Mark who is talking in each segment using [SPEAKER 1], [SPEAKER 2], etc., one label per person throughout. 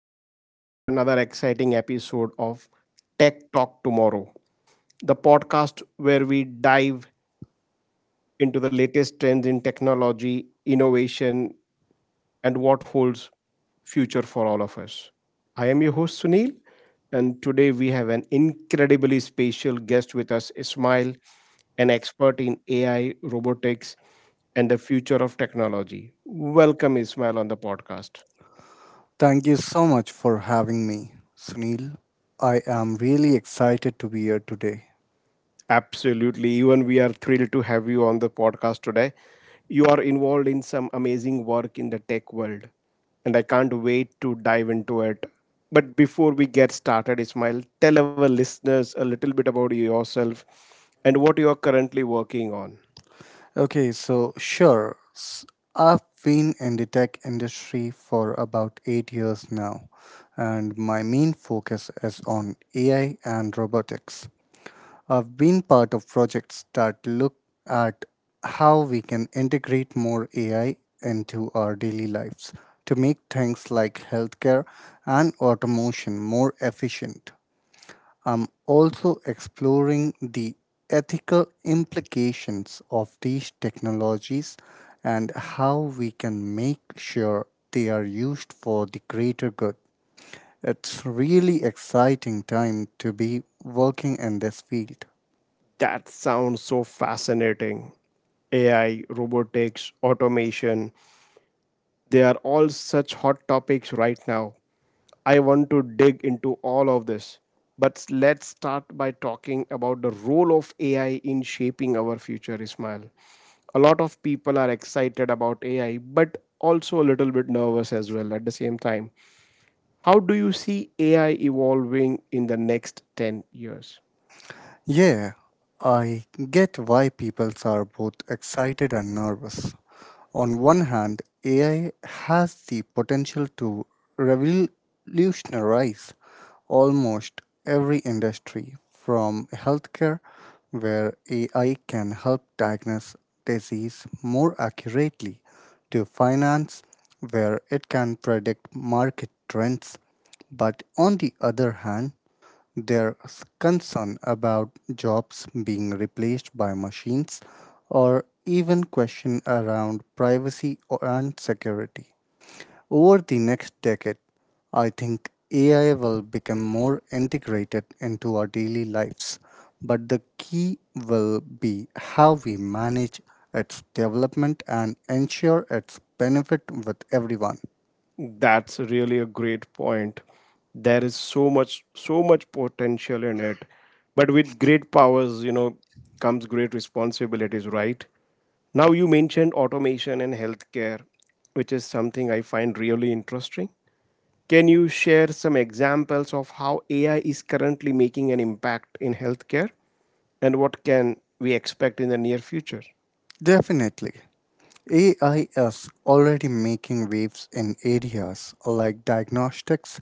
[SPEAKER 1] welcome back to another exciting episode of Tech Talk Tomorrow, the podcast where we dive into the latest trends in technology, innovation, and what holds future for all of us. I am your host Sunil, and today we have an incredibly special guest with us, Ismail, an expert in AI, robotics, and the future of technology. Welcome, Ismail, on the podcast.
[SPEAKER 2] Thank you so much for having me, Sunil. I am really excited to be here today.
[SPEAKER 1] Absolutely. Even we are thrilled to have you on the podcast today. You are involved in some amazing work in the tech world, and I can't wait to dive into it. But before we get started, Ismail, tell our listeners a little bit about yourself and what you are currently working on.
[SPEAKER 2] Okay, so sure, s- I've been in the tech industry for about 8 years now, and my main focus is on AI and robotics. I've been part of projects that look at how we can integrate more AI into our daily lives to make things like healthcare and automation more efficient. I'm also exploring the ethical implications of these technologies and how we can make sure they are used for the greater good. It's really exciting time to be working in this field.
[SPEAKER 1] That sounds so fascinating. AI, robotics, automation. They are all such hot topics right now. I want to dig into all of this. But let's start by talking about the role of AI in shaping our future, Ismail. A lot of people are excited about AI, but also a little bit nervous as well at the same time. How do you see AI evolving in the next 10 years?
[SPEAKER 2] Yeah, I get why people are both excited and nervous. On one hand, AI has the potential to revolutionize almost every industry, from healthcare, where AI can help diagnose disease more accurately, to finance, where it can predict market trends. But on the other hand, concern about jobs being replaced by machines or even question around privacy and security. Over the next decade, I think AI will become more integrated into our daily lives, but the key will be how we manage its development and ensure its benefit with everyone.
[SPEAKER 1] That's really a great point. There is so much potential in it. But with great powers, you know, comes great responsibilities, right? Now, you mentioned automation in healthcare, which is something I find really interesting. Can you share some examples of how AI is currently making an impact in healthcare and what can we expect in the near future?
[SPEAKER 2] Definitely. AI is already making waves in areas like diagnostics.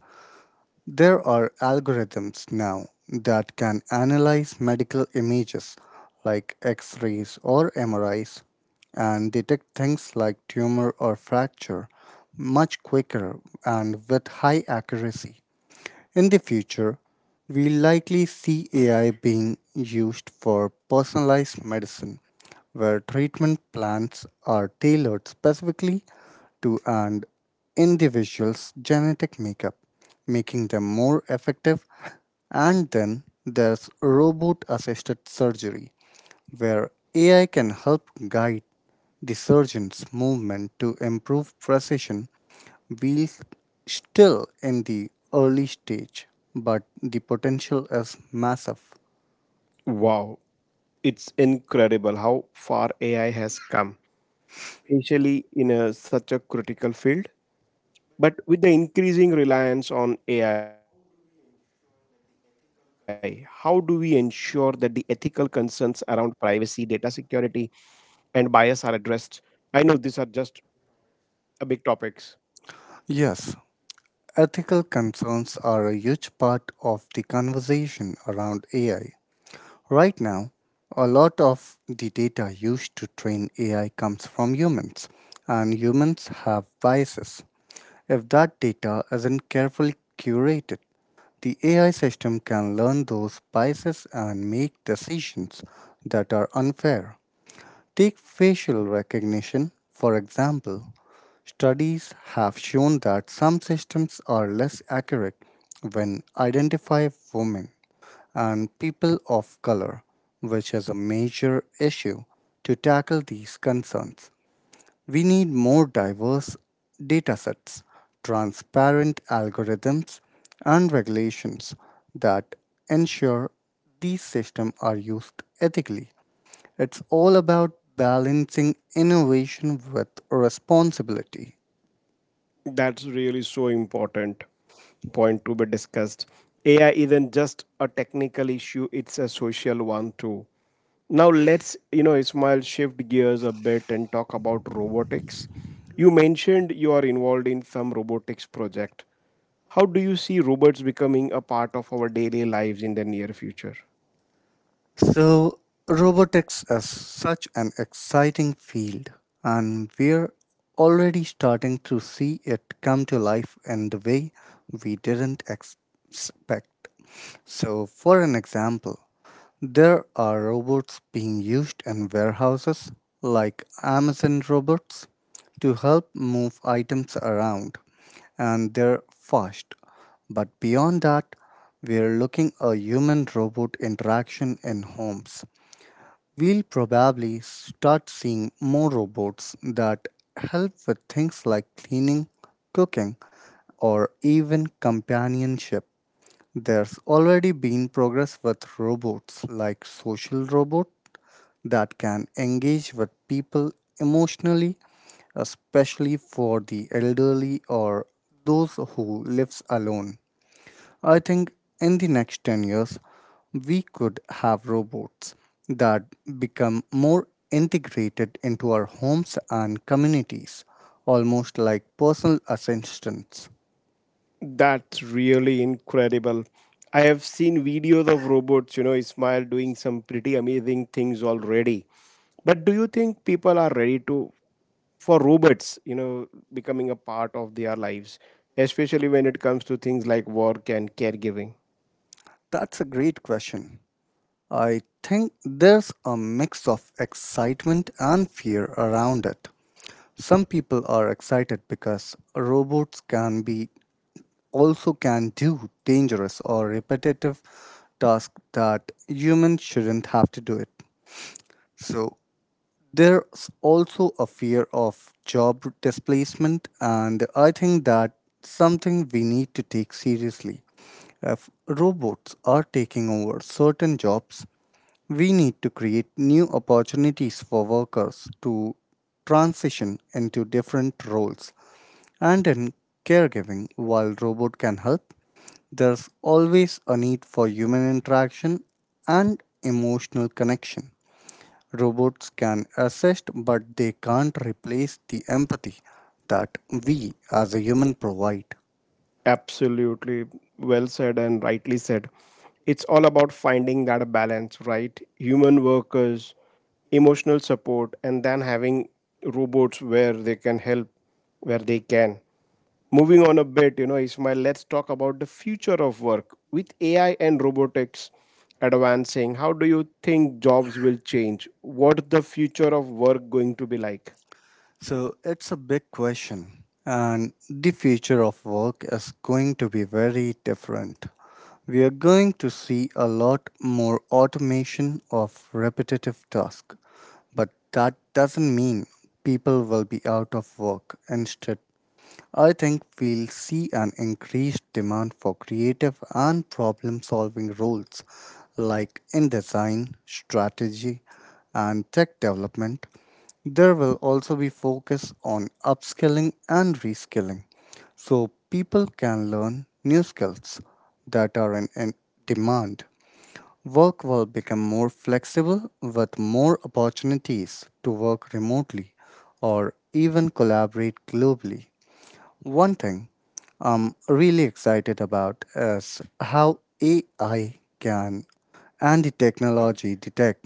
[SPEAKER 2] There are algorithms now that can analyze medical images like X rays or MRIs and detect things like tumor or fracture much quicker and with high accuracy. In the future, we'll likely see AI being used for personalized medicine, where treatment plans are tailored specifically to an individual's genetic makeup, making them more effective. And then there's robot assisted surgery, where AI can help guide the surgeon's movement to improve precision. We're still in the early stage, but the potential is massive.
[SPEAKER 1] Wow, it's incredible how far AI has come, especially in a, such a critical field. But with the increasing reliance on AI, how do we ensure that the ethical concerns around privacy, data security, and bias are addressed? I know these are just a big topics.
[SPEAKER 2] Yes, ethical concerns are a huge part of the conversation around AI. Right now, a lot of the data used to train AI comes from humans, and humans have biases. If that data isn't carefully curated, the AI system can learn those biases and make decisions that are unfair. Take facial recognition, for example. Studies have shown that some systems are less accurate when identify women and people of color, which is a major issue to tackle these concerns. We need more diverse datasets, transparent algorithms, and regulations that ensure these systems are used ethically. It's all about balancing innovation with responsibility.
[SPEAKER 1] That's really so important point to be discussed. AI isn't just a technical issue, it's a social one too. Now you know, Ismail, shift gears a bit and talk about robotics. You mentioned you are involved in some robotics project. How do you see robots becoming a part of our daily lives in the near future?
[SPEAKER 2] So, robotics is such an exciting field, and we're already starting to see it come to life in the way we didn't expect. So, for an example, there are robots being used in warehouses, like Amazon robots, to help move items around, and they're fast. But beyond that, we're looking a human robot interaction in homes. We'll probably start seeing more robots that help with things like cleaning, cooking, or even companionship. There's already been progress with robots like social robot that can engage with people emotionally, especially for the elderly or those who lives alone. I think in the next 10 years we could have robots that become more integrated into our homes and communities, almost like personal assistants.
[SPEAKER 1] That's really incredible. I have seen videos of robots, you know, Ismail doing some pretty amazing things already. But do you think people are ready to for robots, you know, becoming a part of their lives, especially when it comes to things like work and caregiving?
[SPEAKER 2] That's a great question. I think there's a mix of excitement and fear around it. Some people are excited because robots can be also can do dangerous or repetitive tasks that humans shouldn't have to do it. So there's also a fear of job displacement, and I think that's something we need to take seriously. If robots are taking over certain jobs, we need to create new opportunities for workers to transition into different roles. And in caregiving, while robot can help, there's always a need for human interaction and emotional connection. Robots can assist, but they can't replace the empathy that we as a human provide.
[SPEAKER 1] Absolutely, well said and rightly said. It's all about finding that balance, right? Human workers, emotional support, and then having robots where they can help where they can. Moving on a bit, you know, Ismail, let's talk about the future of work. With AI and robotics advancing, how do you think jobs will change? What the future of work going to be like?
[SPEAKER 2] So it's a big question, and the future of work is going to be very different. We are going to see a lot more automation of repetitive tasks, but that doesn't mean people will be out of work. Instead, I think we'll see an increased demand for creative and problem solving roles like in design, strategy, and tech development. There will also be focus on upskilling and reskilling so people can learn new skills that are in demand. Work will become more flexible with more opportunities to work remotely or even collaborate globally. One thing I'm really excited about is how AI can and the technology, the tech,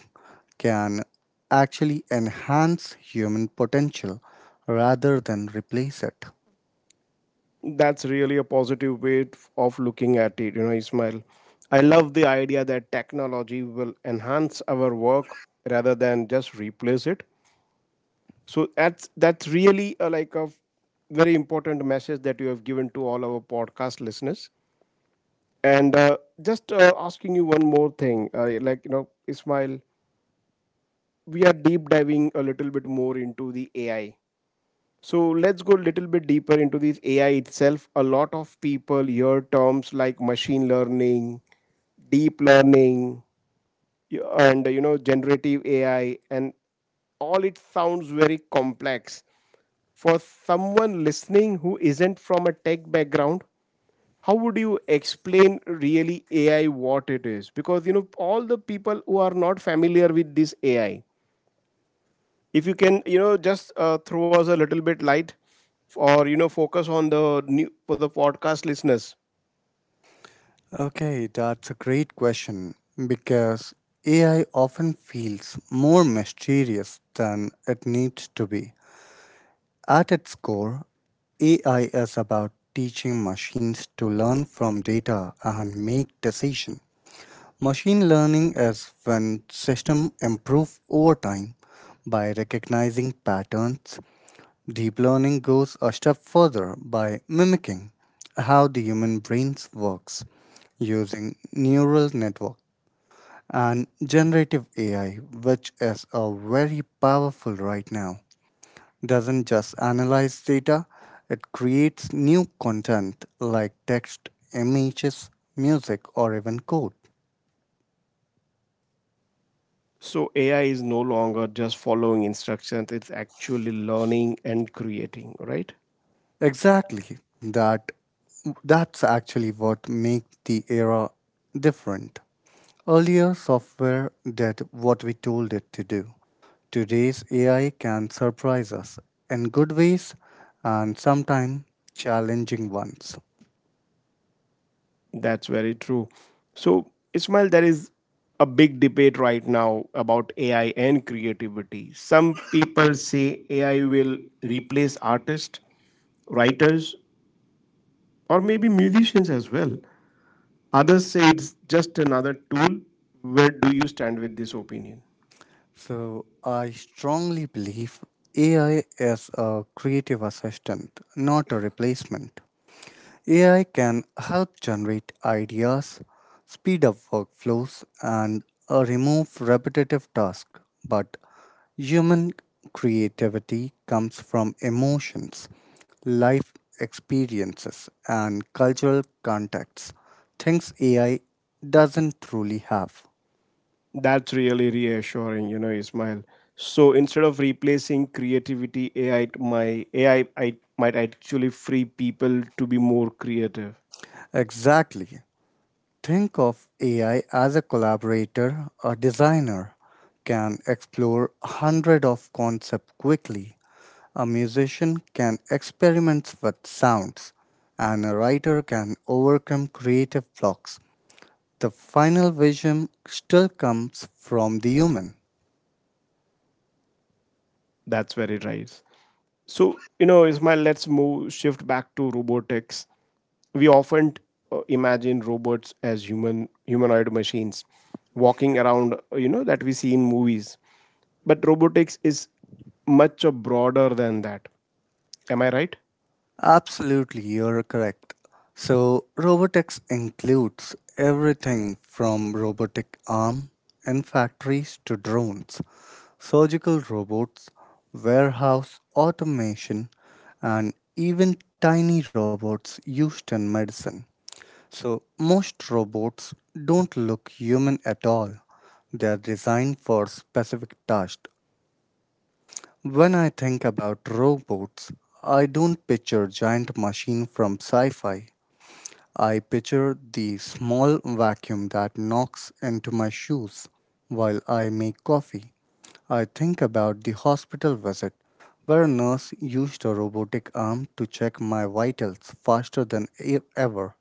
[SPEAKER 2] can actually enhance human potential rather than replace it.
[SPEAKER 1] That's really a positive way of looking at it, you know, Ismail. I love the idea that technology will enhance our work rather than just replace it. So that's really a, like a very important message that you have given to all our podcast listeners. And just asking you one more thing, like you know, Ismail, we are deep diving a little bit more into the AI. So let's go a little bit deeper into this AI itself. A lot of people hear terms like machine learning, deep learning, y- and you know generative AI, and all it sounds very complex. For someone listening who isn't from a tech background, how would you explain really AI what it is? Because you know all the people who are not familiar with this AI, if you can you know just throw us a little bit light or you know focus on the new for the podcast listeners.
[SPEAKER 2] Okay, that's a great question because AI often feels more mysterious than it needs to be. At its core, AI is about teaching machines to learn from data and make decisions. Machine learning is when systems improve over time by recognizing patterns. Deep learning goes a step further by mimicking how the human brain works using neural network, and generative AI, which is a very powerful right now, doesn't just analyze data, it creates new content like text, images, music, or even code.
[SPEAKER 1] So AI is no longer just following instructions, it's actually learning and creating, right?
[SPEAKER 2] Exactly. That's actually what makes the era different. Earlier software did what we told it to do. Today's AI can surprise us in good ways and sometimes challenging ones.
[SPEAKER 1] That's very true. So Ismail, there is a big debate right now about AI and creativity. Some people say AI will replace artists, writers, or maybe musicians as well. Others say it's just another tool. Where do you stand with this opinion?
[SPEAKER 2] So I strongly believe AI is a creative assistant, not a replacement. AI can help generate ideas, speed up workflows, and remove repetitive tasks, but human creativity comes from emotions, life experiences, and cultural contexts, things AI doesn't truly have.
[SPEAKER 1] That's really reassuring, you know, Ismail. So instead of replacing creativity, AI, my AI, might actually free people to be more creative.
[SPEAKER 2] Exactly. Think of AI as a collaborator. A designer can explore hundred of concepts quickly. A musician can experiment with sounds, and a writer can overcome creative blocks. The final vision still comes from the human.
[SPEAKER 1] That's where it lies. So you know, Ismail, let's move shift back to robotics. We often imagine robots as humanoid machines walking around, you know, that we see in movies. But robotics is much broader than that. Am I right?
[SPEAKER 2] Absolutely, you're correct. So, robotics includes everything from robotic arm in factories to drones, surgical robots, warehouse automation, and even tiny robots used in medicine. So, most robots don't look human at all. They are designed for specific tasks. When I think about robots, I don't picture giant machine from sci-fi. I picture the small vacuum that knocks into my shoes while I make coffee. I think about the hospital visit where a nurse used a robotic arm to check my vitals faster than ever.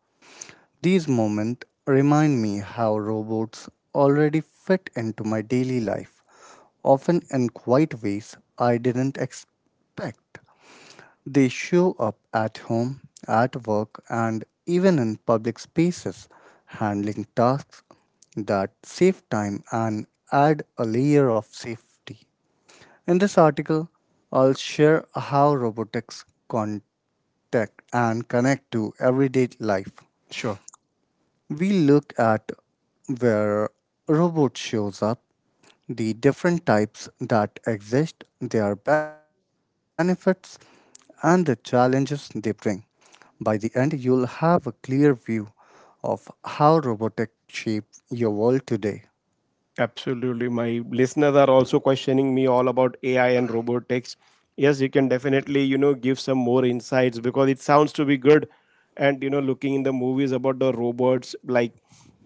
[SPEAKER 2] These moments remind me how robots already fit into my daily life, often in quiet ways I didn't expect. They show up at home, at work, and even in public spaces, handling tasks that save time and add a layer of safety. In this article, I'll share how robotics contact and connect to everyday life.
[SPEAKER 1] Sure.
[SPEAKER 2] We looked at where robot shows up, the different types that exist, their benefits, and the challenges they bring. By the end, you'll have a clear view of how robotics shape your world today.
[SPEAKER 1] Absolutely. My listeners are also questioning me all about AI and robotics. Yes, you can definitely, you know, give some more insights because it sounds to be good. And, you know, looking in the movies about the robots, like,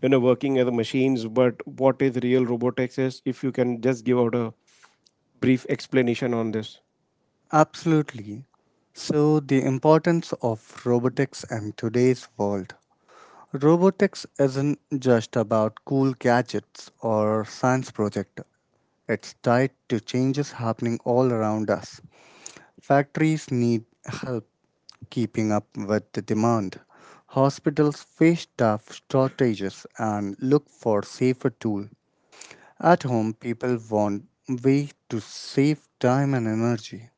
[SPEAKER 1] you know, working as the machines, but what is real robotics is, if you can just give out a brief explanation on this.
[SPEAKER 2] Absolutely. So, the importance of robotics in today's world. Robotics isn't just about cool gadgets or science projects. It's tied to changes happening all around us. Factories need help keeping up with the demand. Hospitals face staff shortages and look for safer tools. At home, people want ways to save time and energy.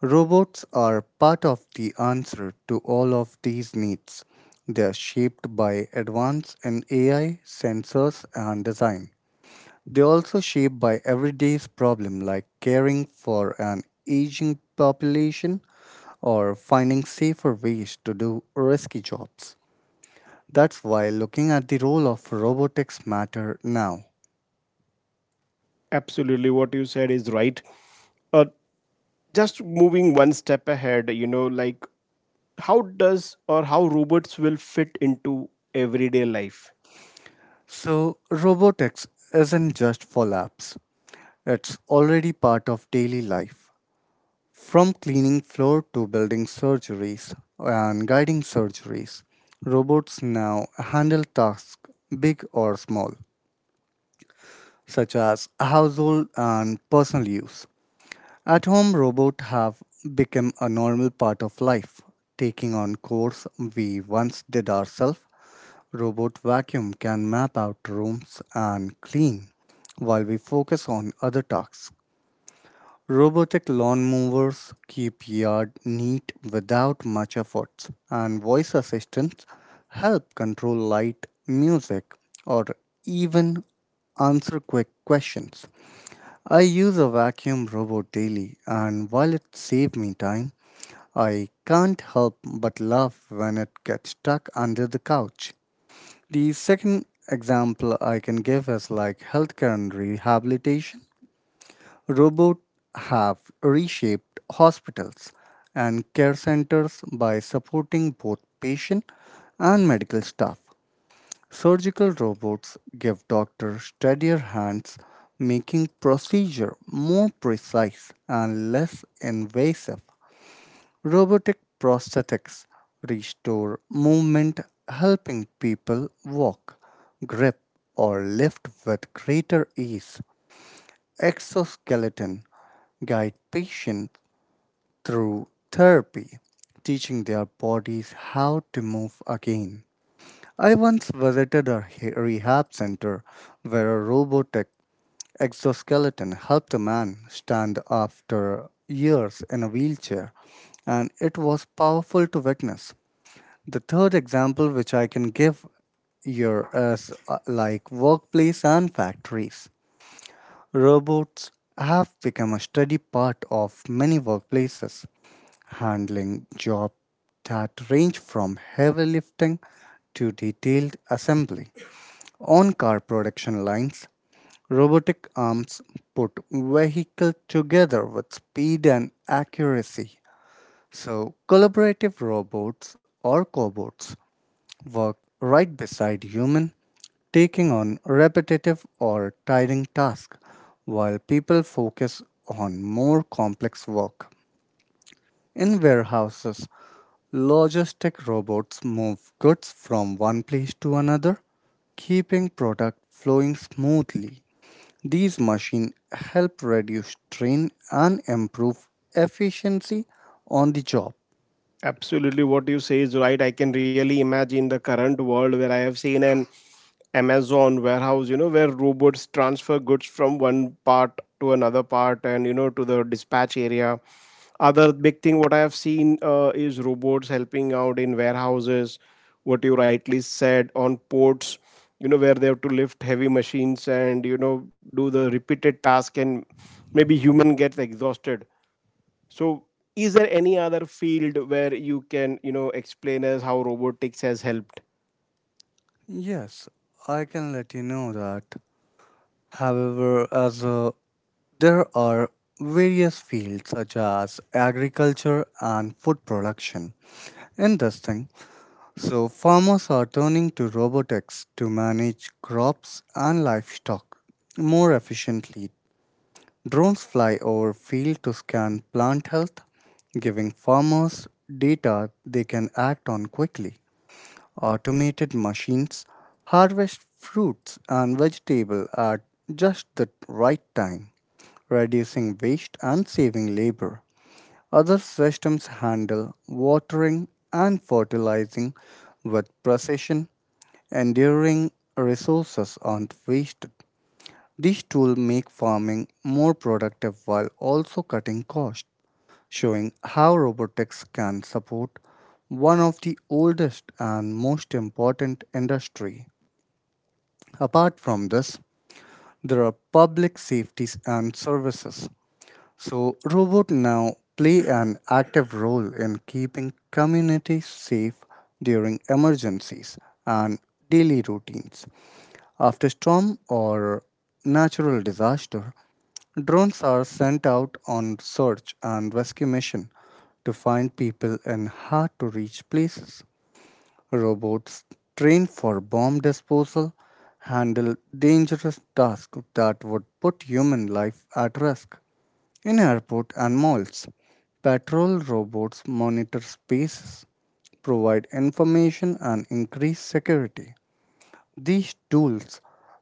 [SPEAKER 2] Robots are part of the answer to all of these needs. They are shaped by advance in AI, sensors, and design. They are also shaped by everyday's problem like caring for an aging population or finding safer ways to do risky jobs. That's why looking at the role of robotics matter now.
[SPEAKER 1] Absolutely, what you said is right. Uh, just moving one step ahead, you know, like how does or how robots will fit into everyday life.
[SPEAKER 2] So, robotics isn't just for labs. It's already part of daily life. From cleaning floor to building surgeries and guiding surgeries, robots now handle tasks big or small, such as household and personal use. At home, robots have become a normal part of life, taking on course we once did ourselves. Robot vacuum can map out rooms and clean, while we focus on other tasks. Robotic lawn mowers keep yard neat without much effort, and voice assistants help control light, music, or even answer quick questions. I use a vacuum robot daily, and while it saves me time, I can't help but laugh when it gets stuck under the couch. The second example I can give is like healthcare and rehabilitation. Robots have reshaped hospitals and care centers by supporting both patient and medical staff. Surgical robots give doctors steadier hands, making procedure more precise and less invasive. Robotic prosthetics restore movement, helping people walk, grip, or lift with greater ease. Exoskeleton guide patients through therapy, teaching their bodies how to move again. I once visited a rehab center where a robotic exoskeleton helped a man stand after years in a wheelchair, and it was powerful to witness. The third example which I can give here is like workplace and factories. Robots have become a steady part of many workplaces, handling jobs that range from heavy lifting to detailed assembly. On car production lines, robotic arms put vehicle together with speed and accuracy. So, collaborative robots or cobots work right beside human, taking on repetitive or tiring tasks while people focus on more complex work. In warehouses, logistic robots move goods from one place to another, keeping product flowing smoothly. These machines help reduce strain and improve efficiency on the job.
[SPEAKER 1] Absolutely, what you say is right. I can really imagine the current world where I have seen an Amazon warehouse, you know, where robots transfer goods from one part to another part and, you know, to the dispatch area. Other big thing what I have seen is robots helping out in warehouses, what you rightly said, on ports, you know, where they have to lift heavy machines and, you know, do the repeated task and maybe human gets exhausted, so, is there any other field where you can, you know, explain us how robotics has helped?
[SPEAKER 2] Yes, I can let you know that. However, as a There are various fields such as agriculture and food production. Interesting. So, farmers are turning to robotics to manage crops and livestock more efficiently. Drones fly over field to scan plant health, giving farmers data they can act on quickly. Automated machines harvest fruits and vegetable at just the right time reducing waste and saving labor. Other systems handle watering and fertilizing with precision, enduring resources aren't wasted. These tools make farming more productive while also cutting costs, showing how robotics can support one of the oldest and most important industry. Apart from this, there are public safeties and services. So robots now play an active role in keeping communities safe during emergencies and daily routines. After storm or natural disaster, drones are sent out on search and rescue mission to find people in hard to reach places. Robots trained for bomb disposal handle dangerous tasks that would put human life at risk. In airport and malls, patrol robots monitor spaces, provide information and increase security. These tools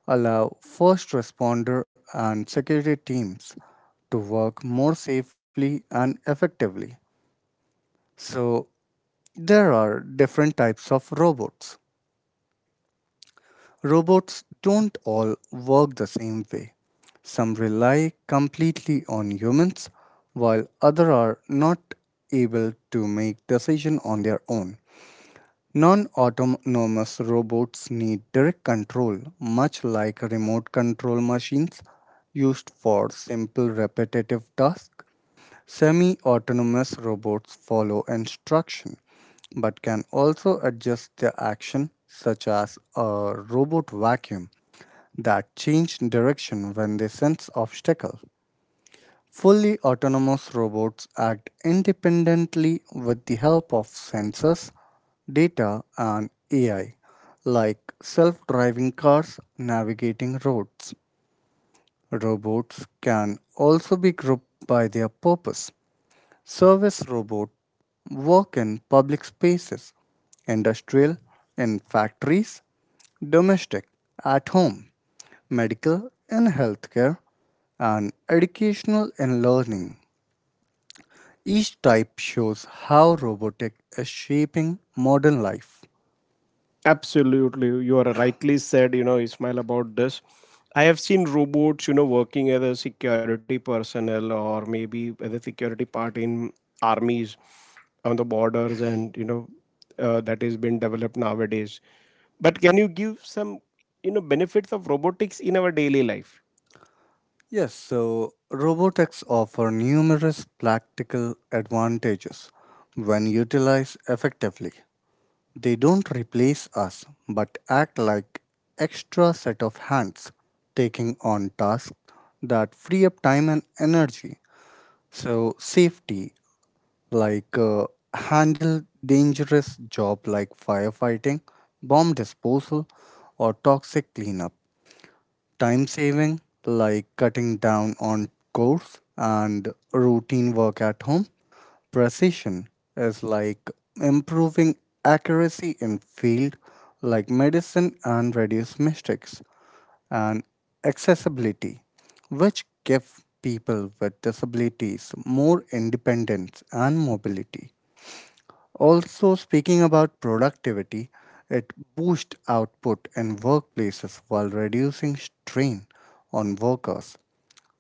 [SPEAKER 2] allow first responder and security teams to work more safely and effectively. So, there are different types of robots. Robots don't all work the same way. Some rely completely on humans, while others are not able to make decisions on their own. Non autonomous robots need direct control, much like remote control machines used for simple repetitive tasks. Semi autonomous robots follow instruction but can also adjust their action, such as a robot vacuum that change direction when they sense obstacle. Fully autonomous robots act independently with the help of sensors, data, and AI, like self driving cars navigating roads. Robots can also be grouped by their purpose. Service robots work in public spaces, industrial, in factories, domestic, at home medical and healthcare, and educational and learning. Each type shows how robotics is shaping modern life.
[SPEAKER 1] Absolutely, you are rightly said, you know, Ismail, about this. I have seen robots, you know, working as a security personnel or maybe as a security part in armies on the borders, and you know, that has been developed nowadays. But can you give some, you know, benefits of robotics in our daily life?
[SPEAKER 2] Yes, so robotics offer numerous practical advantages when utilized effectively. They don't replace us but act like extra set of hands taking on tasks that free up time and energy. So safety like handle dangerous job like firefighting, bomb disposal, or toxic cleanup. Time saving like cutting down on chores and routine work at home. Precision is like improving accuracy in field like medicine and reduce mistakes and accessibility which give people with disabilities more independence and mobility. Also, speaking about productivity, it boosts output in workplaces while reducing strain on workers.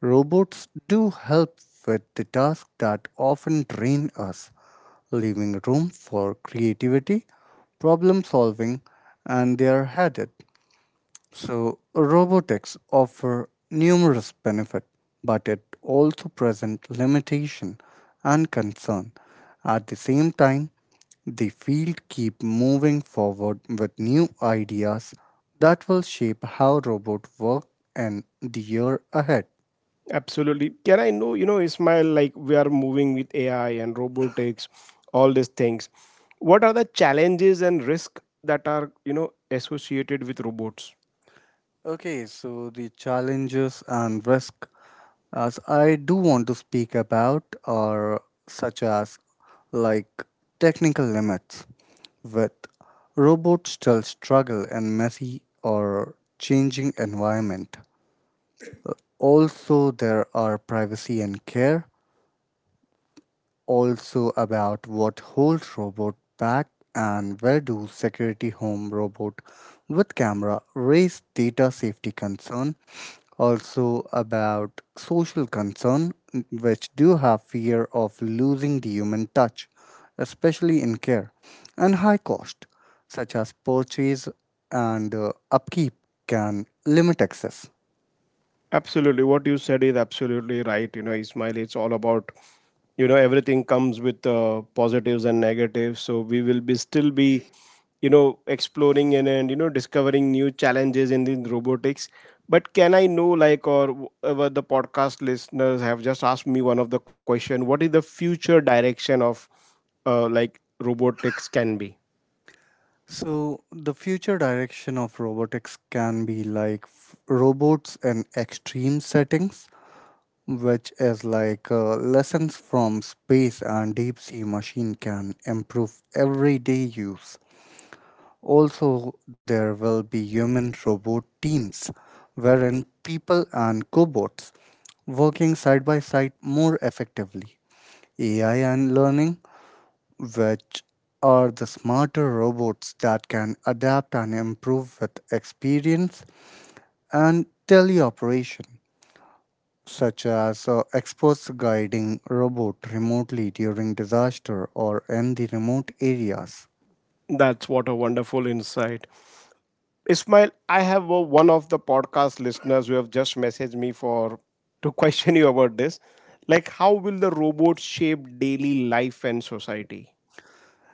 [SPEAKER 2] Robots do help with the tasks that often drain us, leaving room for creativity, problem solving, and their habit. So, robotics offer numerous benefits, but it also presents limitation and concern. At the same time, the field keep moving forward with new ideas that will shape how robot work in the year ahead.
[SPEAKER 1] Absolutely. Can I know, you know, Ismail, like we are moving with AI and robotics, all these things. What are the challenges and risk that are, you know, associated with robots?
[SPEAKER 2] Okay, so the challenges and risk as I do want to speak about are such as like technical limits with robots still struggle in messy or changing environment. Also there are privacy and care also about what holds robot back and where do security home robot with camera raise data safety concern also about social concern which do have fear of losing the human touch especially in care and high cost such as purchase and upkeep can limit access.
[SPEAKER 1] Absolutely. What you said is absolutely right. You know, Ismail, it's all about, you know, everything comes with positives and negatives. So we will be still be, you know, exploring and you know, discovering new challenges in the robotics. But can I know, like, or whatever the podcast listeners have just asked me one of the question, what is the future direction of, like, robotics can be?
[SPEAKER 2] So, the future direction of robotics can be like robots in extreme settings, which is like lessons from space and deep sea machine can improve everyday use. Also, there will be human robot teams, wherein people and cobots working side by side more effectively. AI and learning which are the smarter robots that can adapt and improve with experience and teleoperation, such as experts guiding robot remotely during disaster or in the remote areas.
[SPEAKER 1] That's what a wonderful insight. Ismail, I have one of the podcast listeners who have just messaged me for to question you about this. Like, how will the robot shape daily life and society?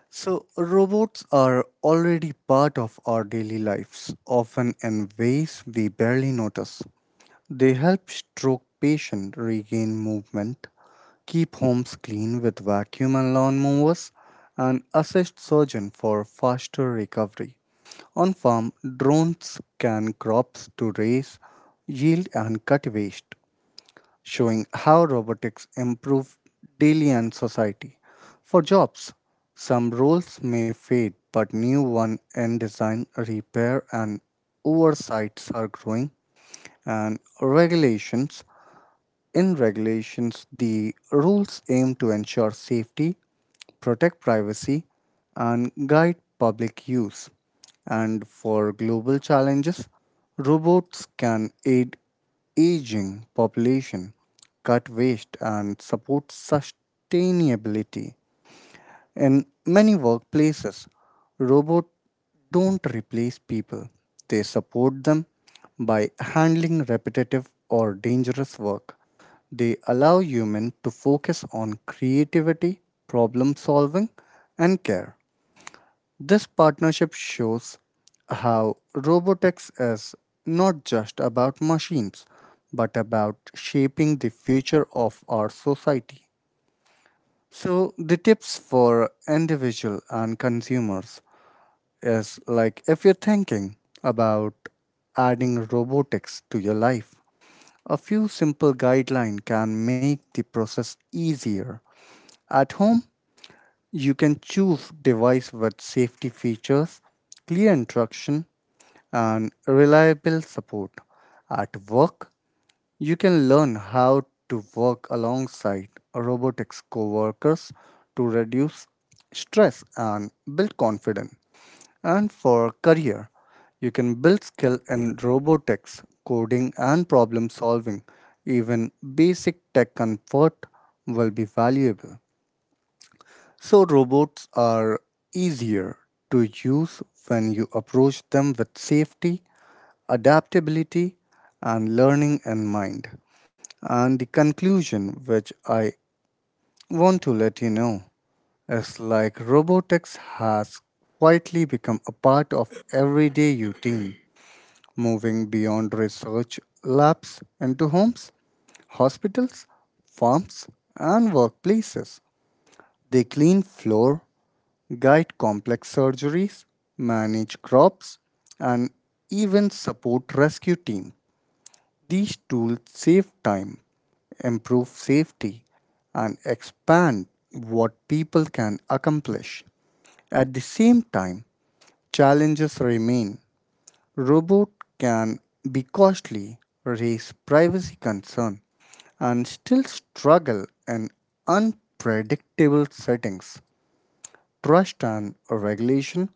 [SPEAKER 2] So, robots are already part of our daily lives, often in ways we barely notice. They help stroke patients regain movement, keep homes clean with vacuum and lawn mowers, and assist surgeon for faster recovery. On farm, drones scan crops to raise yield and cut waste, showing how robotics improve daily and society. For jobs, some roles may fade, but new ones in design, repair, and oversights are growing, and regulations. In regulations, the rules aim to ensure safety, protect privacy, and guide public use. And for global challenges, robots can aid aging population, cut waste, and support sustainability. In many workplaces, robots don't replace people, they support them by handling repetitive or dangerous work. They allow humans to focus on creativity, problem solving, and care. This partnership shows how robotics is not just about machines, but about shaping the future of our society. So the tips for individual and consumers is like if you're thinking about adding robotics to your life, a few simple guidelines can make the process easier. At home, you can choose device with safety features, clear instruction and reliable support. At work, you can learn how to work alongside robotics coworkers to reduce stress and build confidence. And for career, you can build skill in robotics, coding and problem solving. Even basic tech comfort will be valuable. So robots are easier to use when you approach them with safety adaptability, and learning in mind. And the conclusion, which I want to let you know, is like robotics has quietly become a part of everyday routine, moving beyond research labs into homes, hospitals, farms, and workplaces. They clean floor, guide complex surgeries, manage crops, and even support rescue teams. These tools save time, improve safety, and expand what people can accomplish. At the same time, challenges remain. Robots can be costly, raise privacy concerns, and still struggle in unpredictable settings. Trust and regulation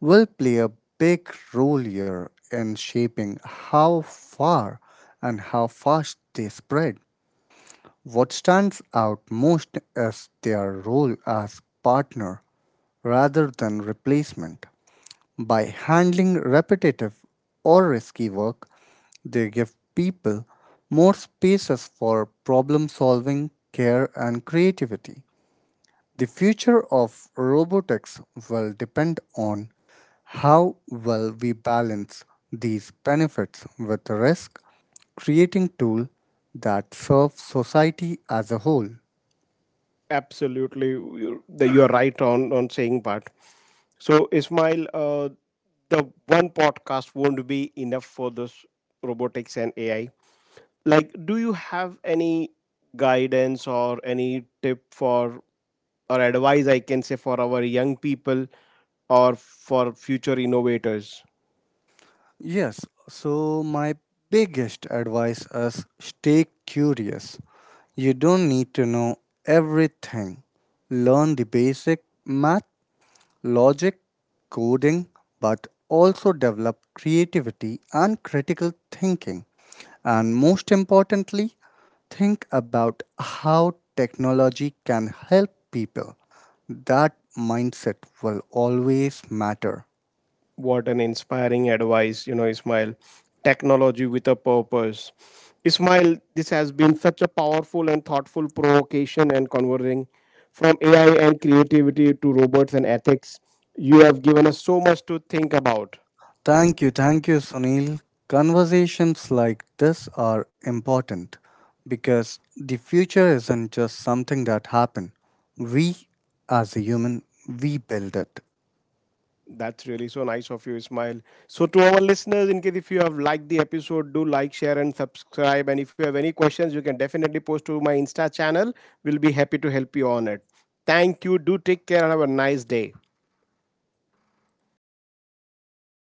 [SPEAKER 2] will play a big role here in shaping how far and how fast they spread. What stands out most is their role as partner rather than replacement. By handling repetitive or risky work, they give people more spaces for problem solving, care, and creativity. The future of robotics will depend on how well we balance these benefits with risk, creating tools that serve society as a whole.
[SPEAKER 1] Absolutely, you're right on saying that. So, Ismail, the one podcast won't be enough for this robotics and AI. Like, do you have any guidance or any tip for or advice I can say for our young people or for future innovators.
[SPEAKER 2] Yes, so my biggest advice is stay curious. You don't need to know everything. Learn the basic math logic, coding, but also develop creativity and critical thinking. And most importantly, think about how technology can help people. That mindset will always matter.
[SPEAKER 1] What an inspiring advice, you know, Ismail. Technology with a purpose. Ismail, this has been such a powerful and thoughtful provocation and conversing from AI and creativity to robots and ethics. You have given us so much to think about.
[SPEAKER 2] Thank you, Sunil. Conversations like this are important because the future isn't just something that happens. We, as a human, we build it.
[SPEAKER 1] That's really so nice of you, Ismail. So, to our listeners, in case if you have liked the episode, do like, share, and subscribe. And if you have any questions, you can definitely post to my Insta channel. We'll be happy to help you on it. Thank you. Do take care and have a nice day.